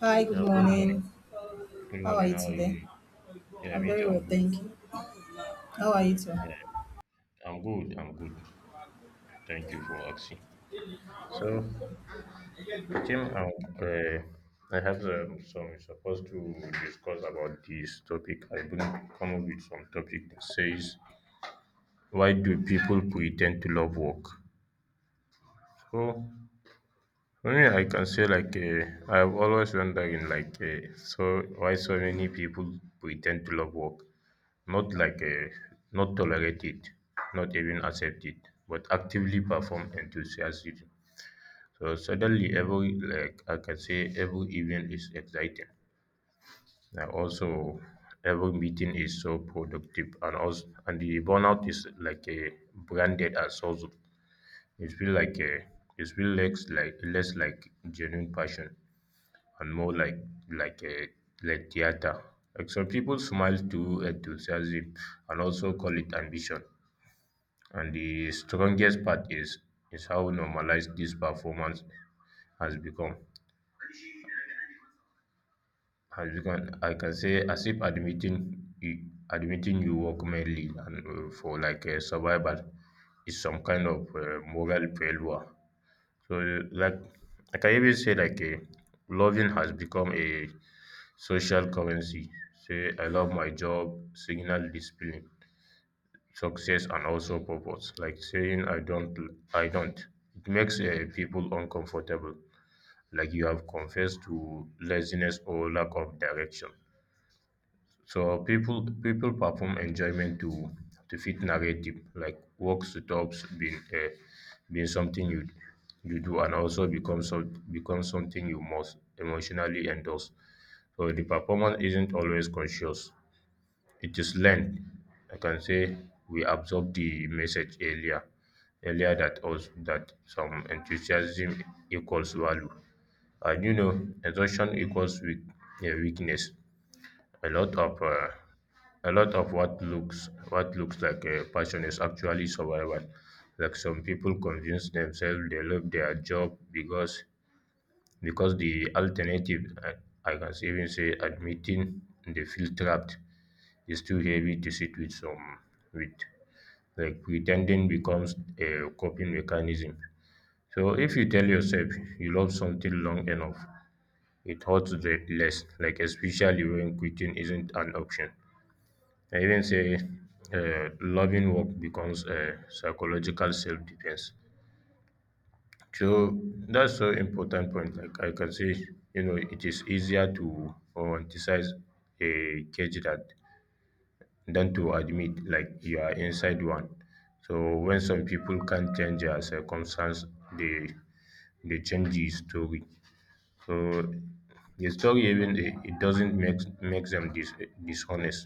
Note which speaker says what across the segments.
Speaker 1: Hi, good
Speaker 2: Yeah, good morning.
Speaker 1: morning.
Speaker 2: Good
Speaker 1: How are
Speaker 2: morning.
Speaker 1: you
Speaker 2: How are you
Speaker 1: today?
Speaker 2: doing? Yeah,
Speaker 1: I'm
Speaker 2: me
Speaker 1: very
Speaker 2: too. I'm
Speaker 1: well,
Speaker 2: good.
Speaker 1: thank you. How are you too?
Speaker 2: Yeah, I'm good. Thank you for asking. So, Jim, I have some we're supposed to discuss about this topic. I will come up with some topic that says, "Why do people pretend to love work?" So, for me, I can say I've always wondering so why so many people pretend to love work. Not like a, not tolerate it, not even accept it, but actively perform enthusiasm. So suddenly, every like I can say, every event is exciting. And also, every meeting is so productive, and also, and the burnout is like a branded as also. It feel like a it feel less like genuine passion and more like a like theater. Like some people smile to enthusiasm and also call it ambition. And the strongest part is how normalized this performance has become. Has become. I can say as if admitting you, admitting you work mainly and for survival is some kind of moral failure. So like I can even say loving has become a social currency. Say I love my job, signal discipline. Success and also purpose like saying I don't. It makes people uncomfortable like you have confessed to laziness or lack of direction. So people perform enjoyment to fit narrative like work stops being being something you you do and also become so become something you must emotionally endorse. So the performance isn't always conscious, it is learned. I can say we absorb the message earlier that us that some enthusiasm equals value, and you know exhaustion equals weakness. A lot of a lot of what looks like a passion is actually survival. Like some people convince themselves they love their job because the alternative. I can even say admitting they feel trapped is too heavy to sit with some with. Like pretending becomes a coping mechanism, so if you tell yourself you love something long enough it hurts less like, especially when quitting isn't an option. I even say loving work becomes a psychological self-defense. So that's so important point like I can say you know it is easier to romanticize a cage that than to admit like you are inside one. So when some people can't change their circumstance, they they change the story. So the story even it doesn't make makes them dishonest.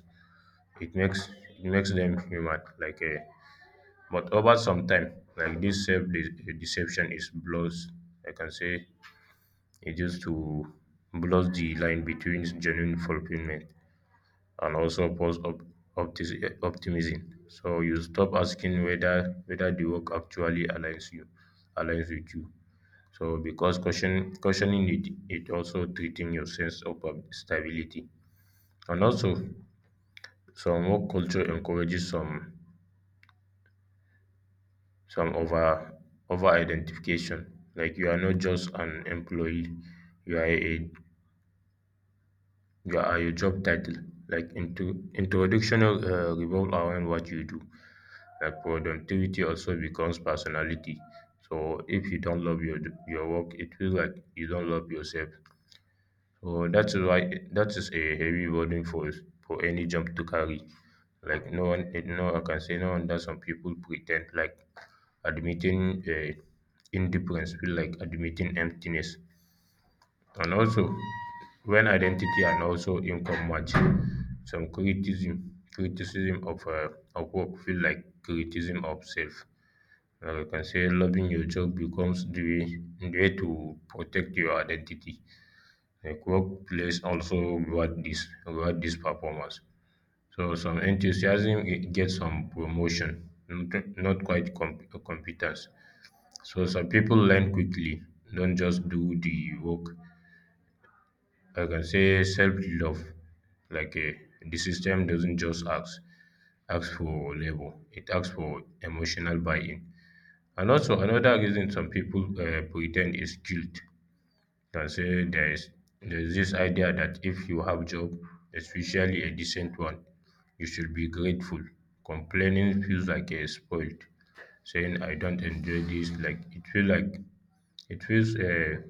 Speaker 2: It makes it makes them human. Like a, but over some time, like this self- deception is blows. I can say it just to blows the line between genuine fulfillment and also false optimism. So you stop asking whether whether the work actually aligns you aligns with you. So because caution cautioning it it also treating your sense of stability. And also some work culture encourages some over over identification. Like you are not just an employee, you are a you are your job title. Like into introduction revolve around what you do like productivity also becomes personality. So if you don't love your work, it feels like you don't love yourself. So that is why that is a heavy burden for any job to carry. Like no one, no, I can say no wonder some people pretend like admitting indifference feel like admitting emptiness. And also, when identity and also income match, some criticism of work feel like criticism of self. Now you can say loving your job becomes the way to protect your identity. Like workplace also reward this performance. So some enthusiasm eh, get some promotion, not quite competence. So some people learn quickly, don't just do the work. I can say self love, like eh, the system doesn't just ask ask for labor, it asks for emotional buy-in. And also another reason some people pretend is guilt. Can say there is this idea that if you have job, especially a decent one, you should be grateful. Complaining feels like a spoiled. Saying I don't enjoy this, like it feels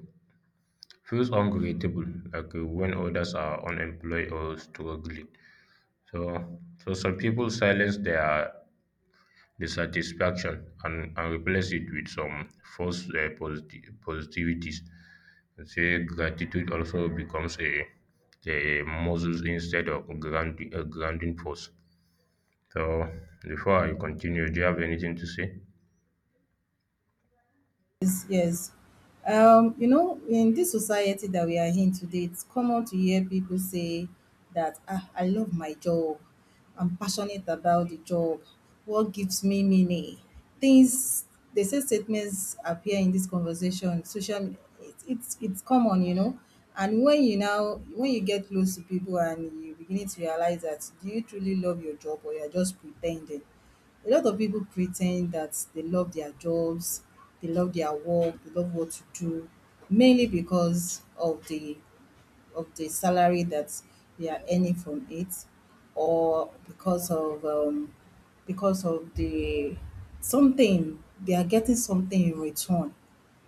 Speaker 2: feels ungrateful, when others are unemployed or struggling. So so some people silence their dissatisfaction and replace it with some false positivities. I say gratitude also becomes a muscle instead of grounding, a grounding force. So before I continue, do you have anything to say?
Speaker 1: Yes, yes. You know, in this society that we are in today, it's common to hear people say that, ah, I love my job. I'm passionate about the job. What gives me meaning? Things, they say statements appear in this conversation. Social, me- it's common, And when you now, when you get close to people and you beginning to realize that, do you truly love your job or you're just pretending? A lot of people pretend that they love their jobs, they love their work, they love what to do, mainly because of the salary that they are earning from it, or because of the something they are getting something in return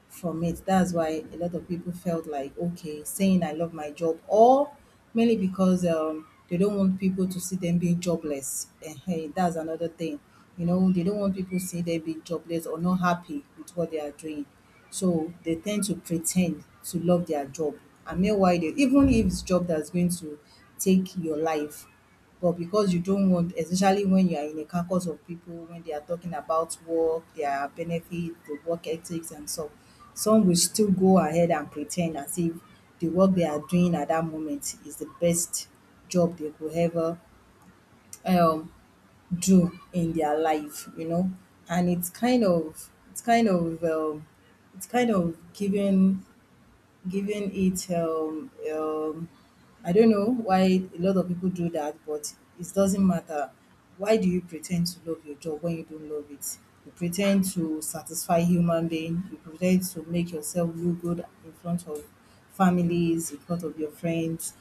Speaker 1: from it. That's why a lot of people felt like, okay, saying I love my job, or mainly because they don't want people to see them being jobless. And hey, that's another thing. You know, they don't want people to see them being jobless or not happy with what they are doing. So they tend to pretend to love their job. And meanwhile, they, even if it's job that's going to take your life, but because you don't want, especially when you are in a caucus of people when they are talking about work, their benefit, the work ethics, and so some will still go ahead and pretend as if the work they are doing at that moment is the best job they could ever um do in their life, you know. And it's kind of it's kind of giving, giving it. I don't know why a lot of people do that, but it doesn't matter. Why do you pretend to love your job when you don't love it? You pretend to satisfy human being. You pretend to make yourself look good in front of families, in front of your friends,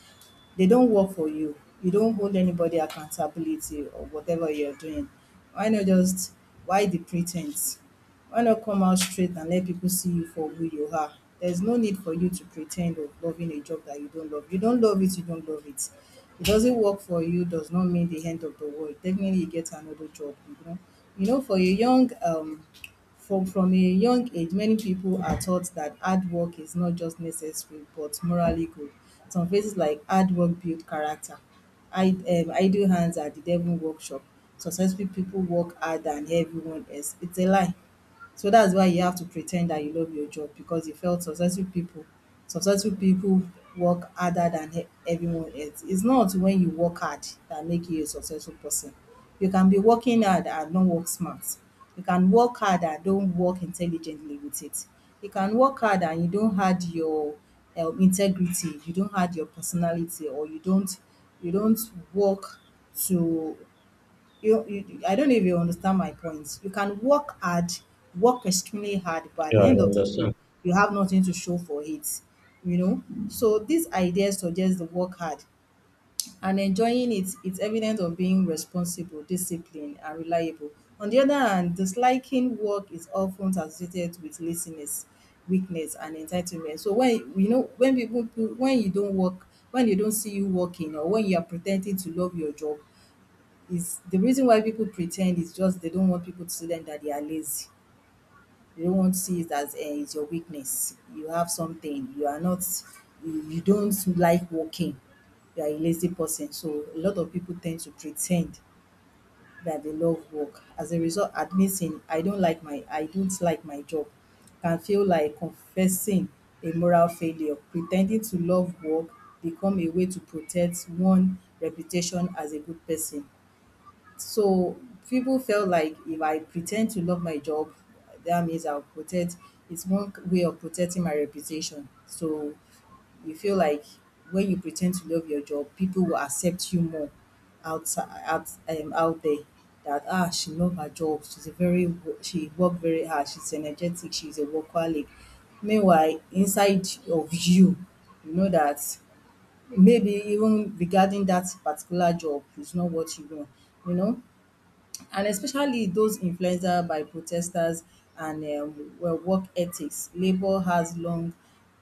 Speaker 1: they don't work for you. You don't hold anybody accountability or whatever you're doing. Why not just why the pretense? Why not come out straight and let people see you for who you are? There's no need for you to pretend of loving a job that you don't love. You don't love it, you don't love it. It doesn't work for you does not mean the end of the world. Definitely you get another job, you know. You know, for a young from a young age, many people are taught that hard work is not just necessary but morally good. Some phrases like hard work build character, I idle hands are the devil workshop, successful people work harder than everyone else. It's a lie. So that's why you have to pretend that you love your job because you felt successful people work harder than e- everyone else. It's not when you work hard that make you a successful person. You can be working hard and not work smart. You can work hard and don't work intelligently with it. You can work hard and you don't add your integrity, you don't add your personality, or you don't work to you, I don't know if you understand my points. You can work hard, work extremely hard, but at
Speaker 2: Yeah,
Speaker 1: the
Speaker 2: I
Speaker 1: end of the day,
Speaker 2: understand.
Speaker 1: you have nothing to show for it. You know? So this idea suggests the work hard and enjoying it. It is evidence of being responsible, disciplined, and reliable. On the other hand, disliking work is often associated with laziness, weakness, and entitlement. So when, you know, when people, when you don't work, when they don't see you working or when you are pretending to love your job is the reason why people pretend is just they don't want people to see them that they are lazy. They don't want to see it as it's your weakness. You have something. You are not. You don't like working. You are a lazy person. So a lot of people tend to pretend that they love work. As a result, admitting I don't like my job can feel like confessing a moral failure. Pretending to love work become a way to protect one reputation as a good person. So people felt like if I pretend to love my job, that means I'll protect, it's one way of protecting my reputation. So you feel like when you pretend to love your job, people will accept you more outside, out there. That ah, she love her job. She's a very wo- she worked very hard. She's energetic. She's a workaholic. Meanwhile, inside of you, you know that maybe even regarding that particular job is not what you want. You know, and especially those influenced by protesters and well, work ethics.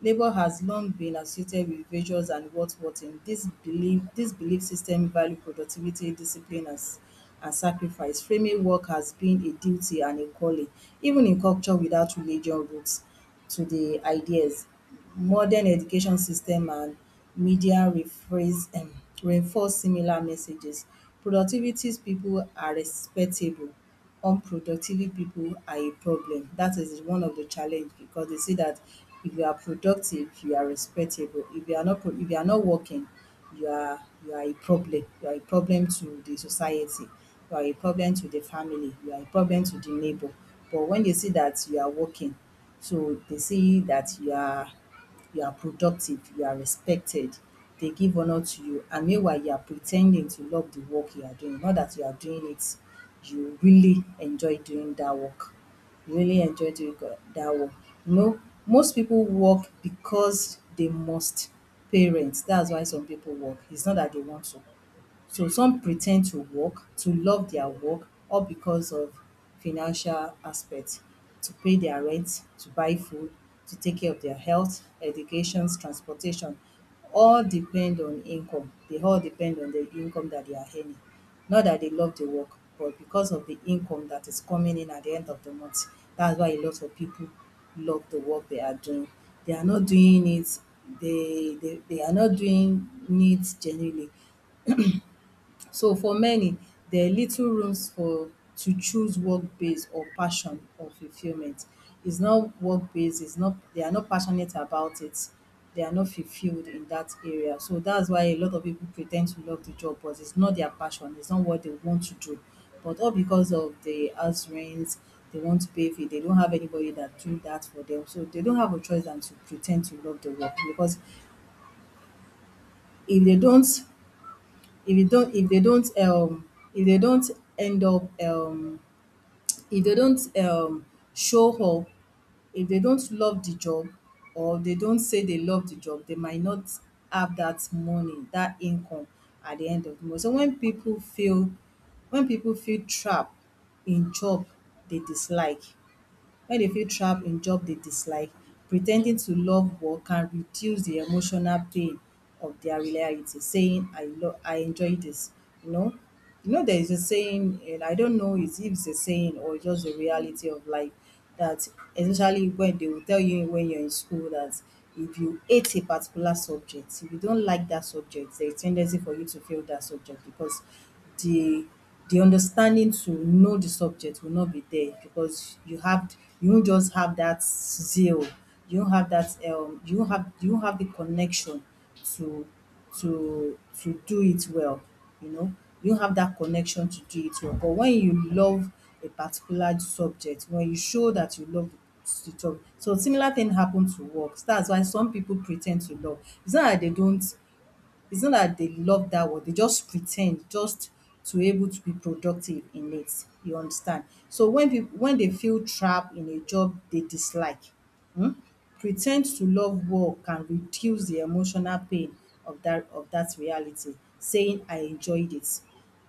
Speaker 1: Labor has long been associated with ventures and what in, this belief, system value productivity, discipline and s- and sacrifice, framing work has been a duty and a calling, even in culture without religion roots to the ideas. Modern education system and media rephrase reinforce similar messages. Productivity people are respectable, unproductive people are a problem. That is one of the challenge because they see that if you are productive, you are respectable. If you are not pro, if you are not working, you are a problem. You are a problem to the society, you are a problem to the family, you are a problem to the neighbour. But when they see that you are working, so they see that you are productive, you are respected, they give honor to you, and meanwhile you are pretending to love the work you are doing, not that you are doing it, you really enjoy doing that work. You really enjoy doing go- that work. You know, most people work because they must parents. That's why some people work. It's not that they want to. So some pretend to work, to love their work, all because of financial aspect, to pay their rent, to buy food, to take care of their health, educations, transportation, all depend on income. They all depend on the income that they are earning. Not that they love the work, but because of the income that is coming in at the end of the month. That's why a lot of people love the work they are doing. They are not doing it, they are not doing it genuinely. So for many, there are little rooms for to choose work-based or passion or fulfillment. It's not work-based, it's not, they are not passionate about it. They are not fulfilled in that area. So that's why a lot of people pretend to love the job, but it's not their passion, it's not what they want to do. But all because of the house rent, they want to pay fee, they don't have anybody that do that for them. So they don't have a choice than to pretend to love the work because if they don't, if dey don't if dey don't end up, if dey don't show up, if dey don't love the job or dey don't say dey love the job, dey might not have that money, that income at the end of the month. So when people feel trap in job dey dislike, when they feel trapped in job they dislike, pretending to love work can reduce the emotional pain of their reality, saying I enjoy this, you know. You know there is a saying, and I don't know is if it's a saying or just the reality of life that, especially when they will tell you when you're in school that if you hate a particular subject, if you don't like that subject, there is ten dency for you to fail that subject because the the understanding to know the subject will not be there because you have, you do not just have that zeal, you don't have that you don't have, you don't have the connection to to do it well, you know. You don't have that connection to do it well, but when you love a particular subject, when you show that you love the job, so similar thing happen to work. That's why some people pretend to love, it's not that they don't, it's not that they love that work, they just pretend just to able to be productive in it, you understand. So when people, when they feel trapped in a job they dislike, um pretend to love war can reduce the emotional pain of that, of that reality. Saying I enjoyed it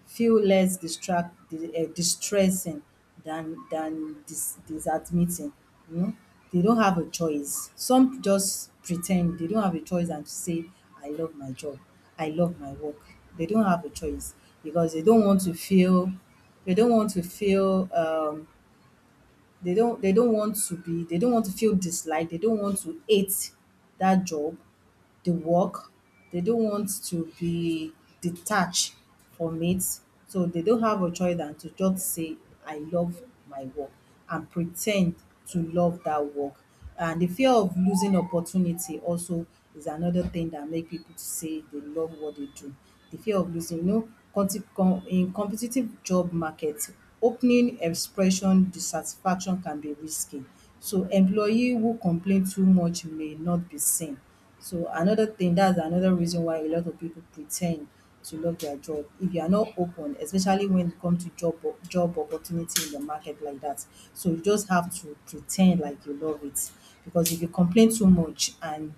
Speaker 1: feel less distract di- distressing than dis disadmitting. um They don't have a choice. Some just pretend they don't have a choice and to say I love my job, I love my work. They don't have a choice because they don't want to feel they don't want to feel they don't want to be they don't want to feel disliked, they don't want to hate that job, the work. They don't want to be detached from it. So they don't have a choice than to just say, I love my work, and pretend to love that work. And the fear of losing opportunity also is another thing that make people to say they love what they do. The fear of losing, in competitive job market, opening expression dissatisfaction can be risky. So employee who complain too much may not be seen. So another thing, that's another reason why a lot of people pretend to love their job. If you are not open, especially when it comes to job opportunity in the market like that, so you just have to pretend like you love it. Because if you complain too much and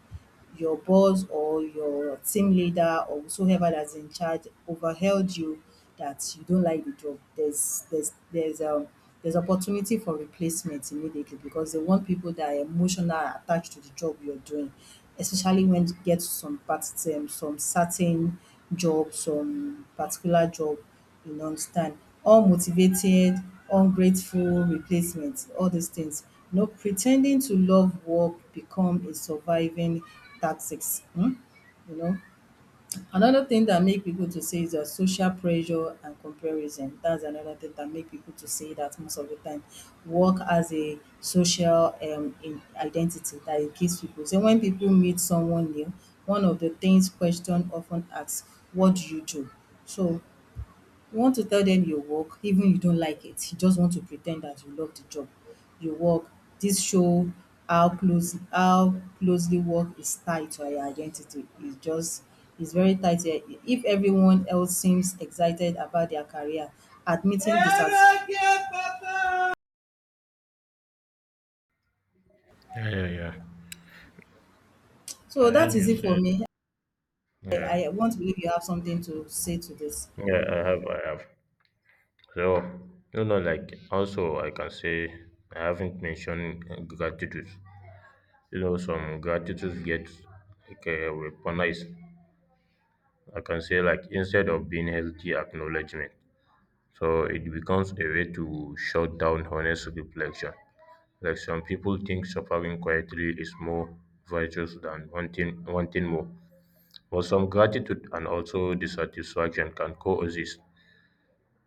Speaker 1: your boss or your team leader or whosoever that's in charge overhailed you that you don't like the job, there's opportunity for replacement immediately because they want people that are emotional attached to the job you're doing, especially when you get to some part, some certain job, some particular job, you know, understand. Unmotivated, ungrateful replacement, all these things. You know, pretending to love work become a surviving tactics. Hmm? You know, another thing that make people to say is that social pressure and comparison. That's another thing that make people to say that most of the time. Work as a social, in identity that it gives people. So when people meet someone new, one of the things question often asks, what do you do? So you want to tell them your work even you don't like it, you just want to pretend that you love the job you work. This show how closely work is tied to our identity. It's just it's very tight here. If everyone else seems excited about their career, admitting dissatis.
Speaker 2: Yeah, yeah, yeah. I
Speaker 1: So that
Speaker 2: heard
Speaker 1: is
Speaker 2: you
Speaker 1: it for
Speaker 2: say.
Speaker 1: me.
Speaker 2: Yeah,
Speaker 1: I want to believe you have something to say to this.
Speaker 2: yeah, I have. So, you know, like also I can say I haven't mentioned gratitude. You know, some gratitude gets weaponized. I can say like instead of being healthy acknowledgement. So it becomes a way to shut down honest reflection. Like some people think suffering quietly is more virtuous than wanting more. But some gratitude and also dissatisfaction can coexist.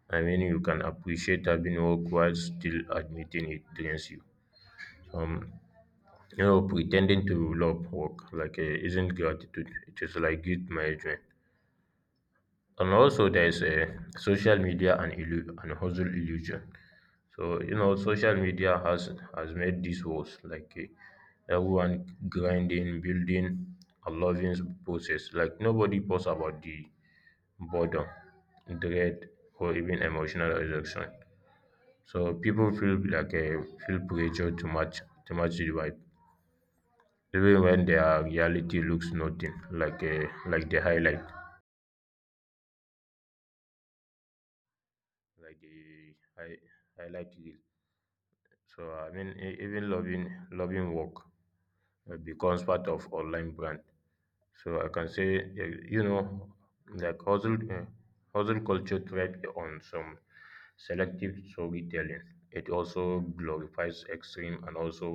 Speaker 2: I mean you can appreciate having work while still admitting it drains you. Um, You know, pretending to love work isn't gratitude. It is like guilt management. And also, there's a social media and and hustle illusion. So you know, social media has made this worse. Like everyone grinding, building, a loving process. Like nobody posts about the boredom, dread, or even emotional exhaustion. So people feel like feel pressure to match the vibe, even when their reality looks nothing like a like the highlight like the highlight reel. So I mean, even loving loving work becomes part of online brand. So I can say, you know, like hustle culture thrives on some selective storytelling. It also glorifies extreme and also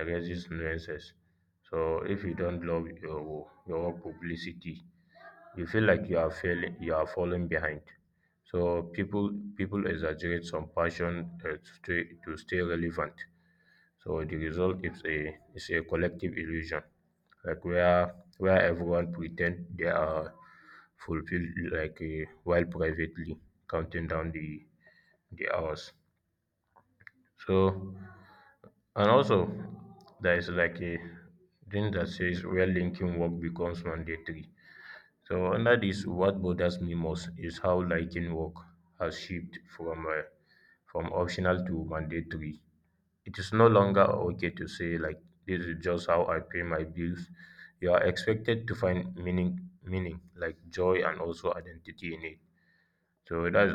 Speaker 2: erases nuances. So if you don't love your publicity, you feel like you are failing you are falling behind. So people people exaggerate some passion to stay relevant. So the result is a collective illusion, like where everyone pretend they are fulfilled while privately counting down the hours. So and also there is like a thing that says where linking work becomes mandatory. So under this, what bothers me most is how lighting work has shifted from optional to mandatory. It is no longer okay to say like this is just how I pay my bills. You are expected to find meaning, meaning like joy and also identity in it. So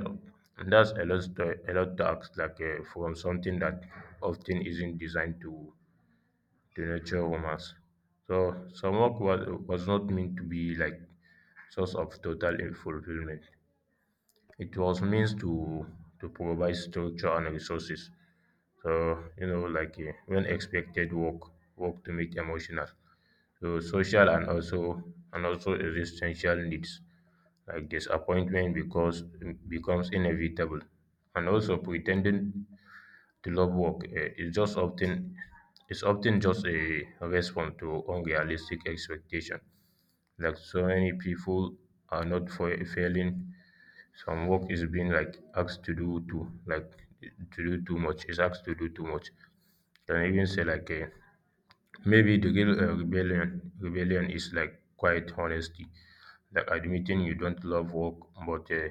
Speaker 2: that's a lot to ask from something that often isn't designed to nurture romance. So some work was not meant to be like source of total fulfillment. It was means to provide structure and resources. So you know, when expected work, work to meet emotional, so social and also existential needs like disappointment because becomes inevitable, and also pretending the love work eh, is just often is often just a response to unrealistic expectation. Like so many people are not for failing. Some work is being like asked to do too, like to do too much. Is asked to do too much. Can even say like eh, maybe the real rebellion rebellion is like quiet honesty, like admitting you don't love work, but uh,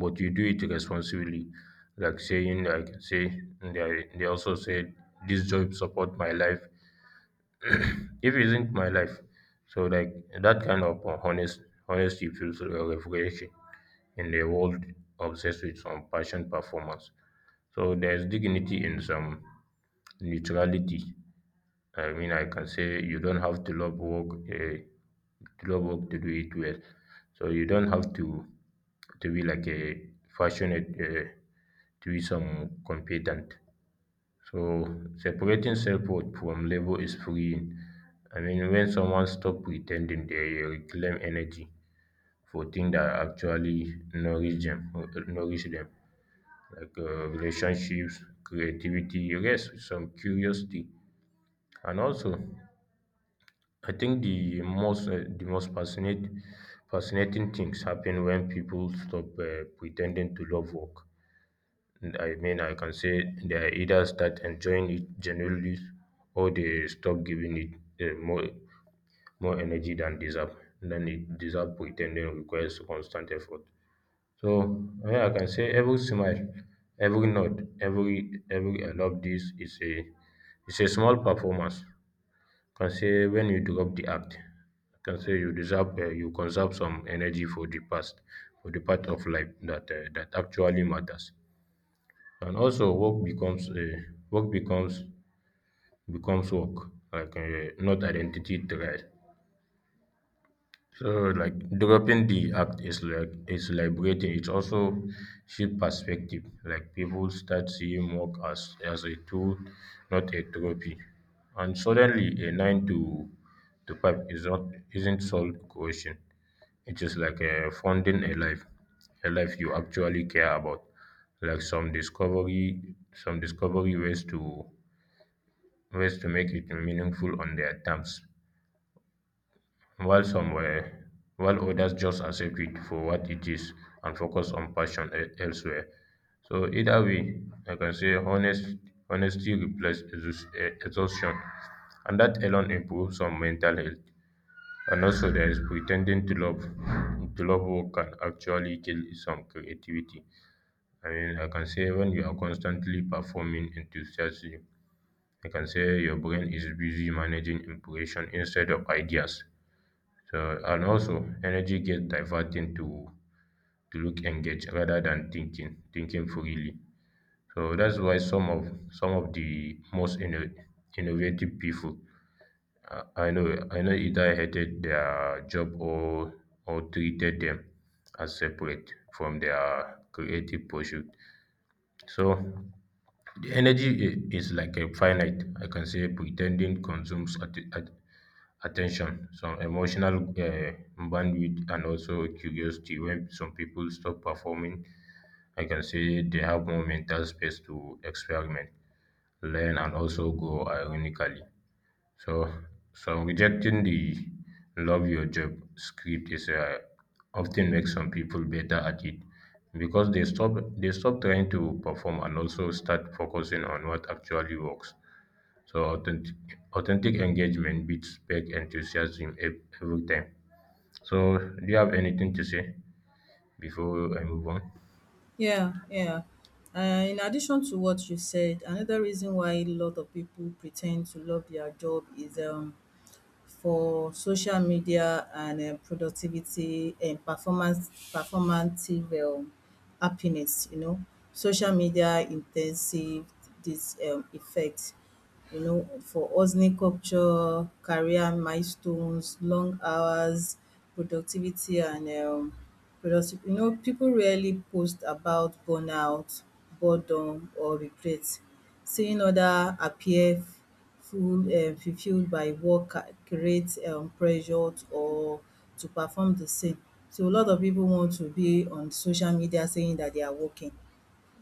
Speaker 2: but you do it responsibly, like saying like say they also say this job support my life. If it isn't my life, so like that kind of honest honesty feels refreshing in a world obsessed with some passion performance. So there's dignity in some neutrality. I mean, I can say you don't have to love work, to love work to do it well. So you don't have to be like a passionate, to be some competent. So separating self-worth from labor is freeing. I mean, when someone stop pretending, they reclaim energy for things that actually nourish them, relationships, creativity, rest, some curiosity, and also I think the most fascinating things happen when people stop pretending to love work. And I mean, I can say they either start enjoying it genuinely, or they stop giving it more more energy than deserve than it deserve. Pretending requires constant effort. So yeah, I can say every smile, every nod, every I love this is a it's a small performance. Can say when you do the act, can say you deserve you conserve some energy for the past for the part of life that that actually matters. And also work becomes becomes work like not identity thread. So like dropping the act is like is liberating. It also shift perspective. Like people start seeing work as a tool, not a trophy. And suddenly a nine to five is not isn't solved question. It is like a funding a life you actually care about. Like some discovery ways to ways to make it meaningful on their terms. While some were while others just accept it for what it is and focus on passion elsewhere. So either way, I can say honest honesty replaces exhaustion, and that alone improves some mental health. And also, there is pretending to love work can actually kill some creativity. I mean, I can say when you are constantly performing enthusiastically, I can say your brain is busy managing impression instead of ideas. So and also energy gets diverted to look engaged rather than thinking thinking freely. So that's why some of the most innovative people I know either hated their job or treated them as separate from their creative pursuit. So the energy is like a finite. I can say pretending consumes at attention, some emotional bandwidth, and also curiosity. When some people stop performing, I can say they have more mental space to experiment, learn, and also grow ironically. So, so rejecting the love your job script is often makes some people better at it because they stop trying to perform and also start focusing on what actually works. So authentic authentic engagement beats fake enthusiasm every time. So do you have anything to say before I move on?
Speaker 1: Yeah, yeah. In addition to what you said, another reason why a lot of people pretend to love their job is for social media and productivity and performance performative happiness, you know, social media in ten sive dis effect, you know, for hustling culture, career milestones, long hours, productivity and productive, you know, people rarely post about burnout, boredom, or regret. Seeing other appear full fulfilled by work creates pressure to, or to perform the same. So a lot of pipu want to be on social media saying dat they are working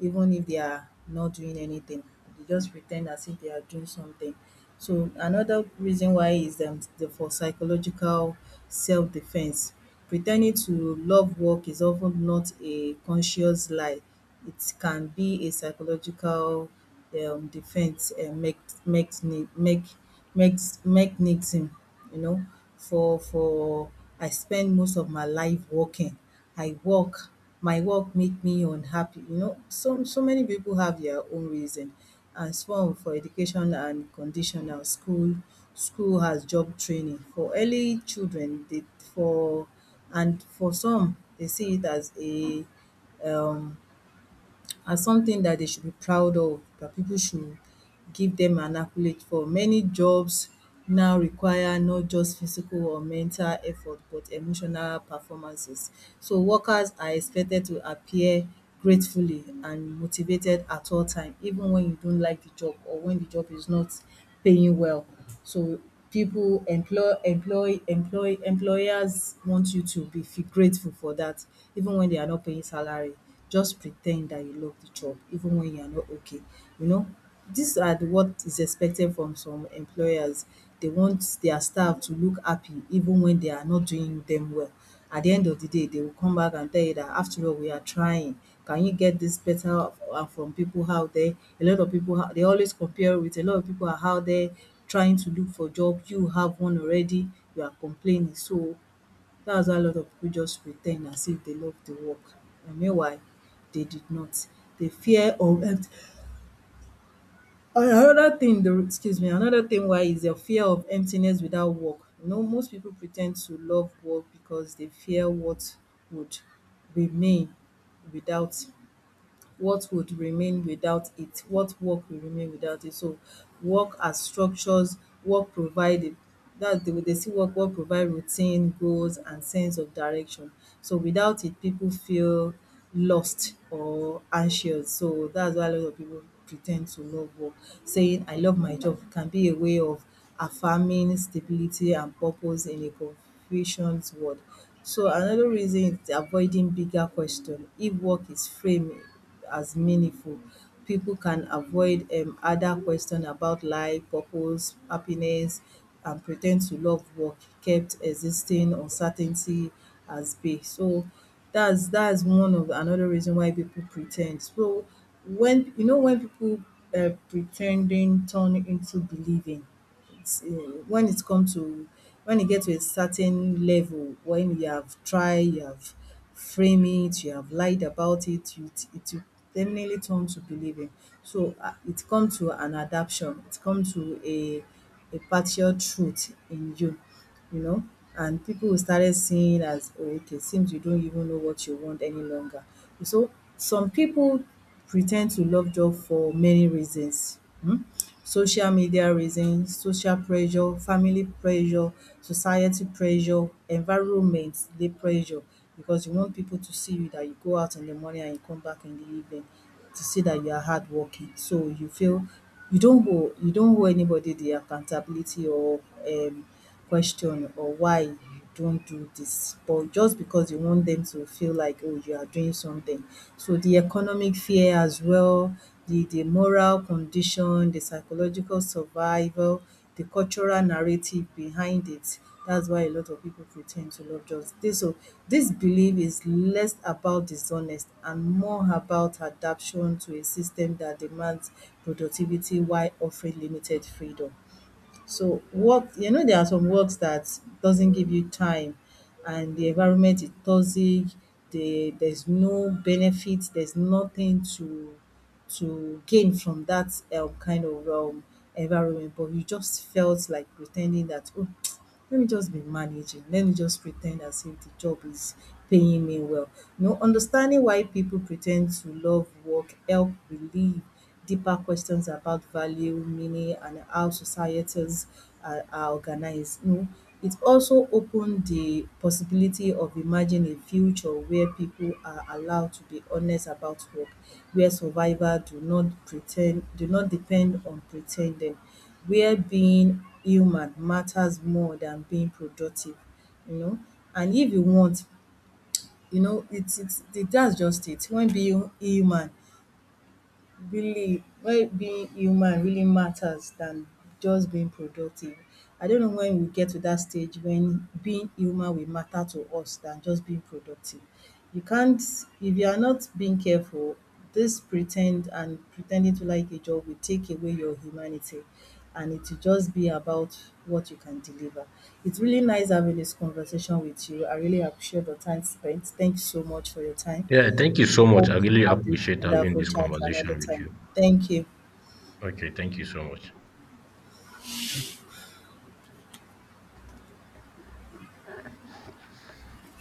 Speaker 1: even if they are not doing anything, they just pretend as if they are doing something. So another reason why is the, for psychological self defense. Pretending to love work is often not a conscious lie, it can be a psychological defense make mechni make makes mechanism, you know, for I spend most of my life working, I work, my work make me unhappy. You know, so so many people have their own reason. And some for education and conditional school, school has job training. For early children, they for and for some they see it as a um as something that they should be proud of, that people should give them an accolade for. Many jobs now require not just physical or mental effort but emotional performances. So workers are expected to appear gratefully and motivated at all time even when you don't like the job or when the job is not paying well. So people employers want you to be feel grateful for that even when they are not paying salary. Just pretend that you love the job even when you are not okay, you know. These are the what is expected from some employers. They want their staff to look happy even when they are not doing them well. At the end of the day they will come back and tell you that after all we are trying, can you get this better? Uh, from people out there, a lot of people they always compare with, a lot of people are out there trying to look for job, you have one already, you are complaining. So that's why a lot of people just pretend as if they love the work, and meanwhile they did not. They fear or another thing the excuse me, another thing why is the fear of emptiness without work. You know, most people pretend to love work because they fear what would remain without, what would remain without it what work will remain without it. So work as structures, work provided, that's the way they see work. Work provide routine, goals, and sense of direction. So without it people feel lost or anxious. So that's why a lot of people pretend to love work. Saying I love my job can be a way of affirming stability and purpose in a confusion's world. So another reason is avoiding bigger question. If work is framed as meaningful, people can avoid, other question about life, purpose, happiness, and pretend to love what kept existing uncertainty as base. So that's one of another reason why people pretend. So when you know, when people pretending turn into believing, it's, when it come to when e get to a certain level, when you have tried, you have framed it, you have lied about it, you it it will definitely turn to believing. So it comes to an adaption, it comes to a partial truth in you, you know, and people will started seeing as, "Oh, okay, seems you don't even know what you want any longer." So some people pretend to love joy for many reasons. Hmm, social media reason, social pressure, family pressure, society pressure, environment dey pressure, because you want people to see you dat you go out in the morning and you come back in the evening, to see that you are hardworking. So you feel you don't owe anybody the accountability or um question or why you don't do this, but just because you want them to feel like, oh, you are doing something. So the economic fear as well, the moral condition, the psychological survival, the cultural narrative behind it, that's why a lot of people pretend to love just this. So this belief is less about dishonest and more about adaptation to a system that demands productivity while offering limited freedom. So work, you know, there are some works that doesn't give you time and the environment is toxic, there's no benefit, there's nothing to to gain from that kind of environment, but you just felt like pretending that, oh, let me just be managing, let me just pretend as if the job is paying me well. You know, understanding why people pretend to love work help relieve deeper questions about value, meaning, and how societies are organized. You know, it also opened the possibility of imagining a future where people are allowed to be honest about work, where survival do not pretend, do not depend on pretending, where being human matters more than being productive, you know. And if you want, you know, it's it, that's just it. When being human really, why being human really matters than just being productive. I don't know when we get to that stage when being human will matter to us than just being productive. You can't, if you are not being careful, this pretend and pretending to like a job will take away your humanity, and it will just be about what you can deliver. It's really nice having this conversation with you. I really appreciate the time spent. Thank you so much for your time.
Speaker 2: Yeah, thank you so much.
Speaker 1: Hope
Speaker 2: I
Speaker 1: to
Speaker 2: really
Speaker 1: have this
Speaker 2: appreciate having
Speaker 1: wonderful
Speaker 2: this
Speaker 1: chat another
Speaker 2: conversation with
Speaker 1: time.
Speaker 2: you.
Speaker 1: Thank you.
Speaker 2: Okay, thank you so much.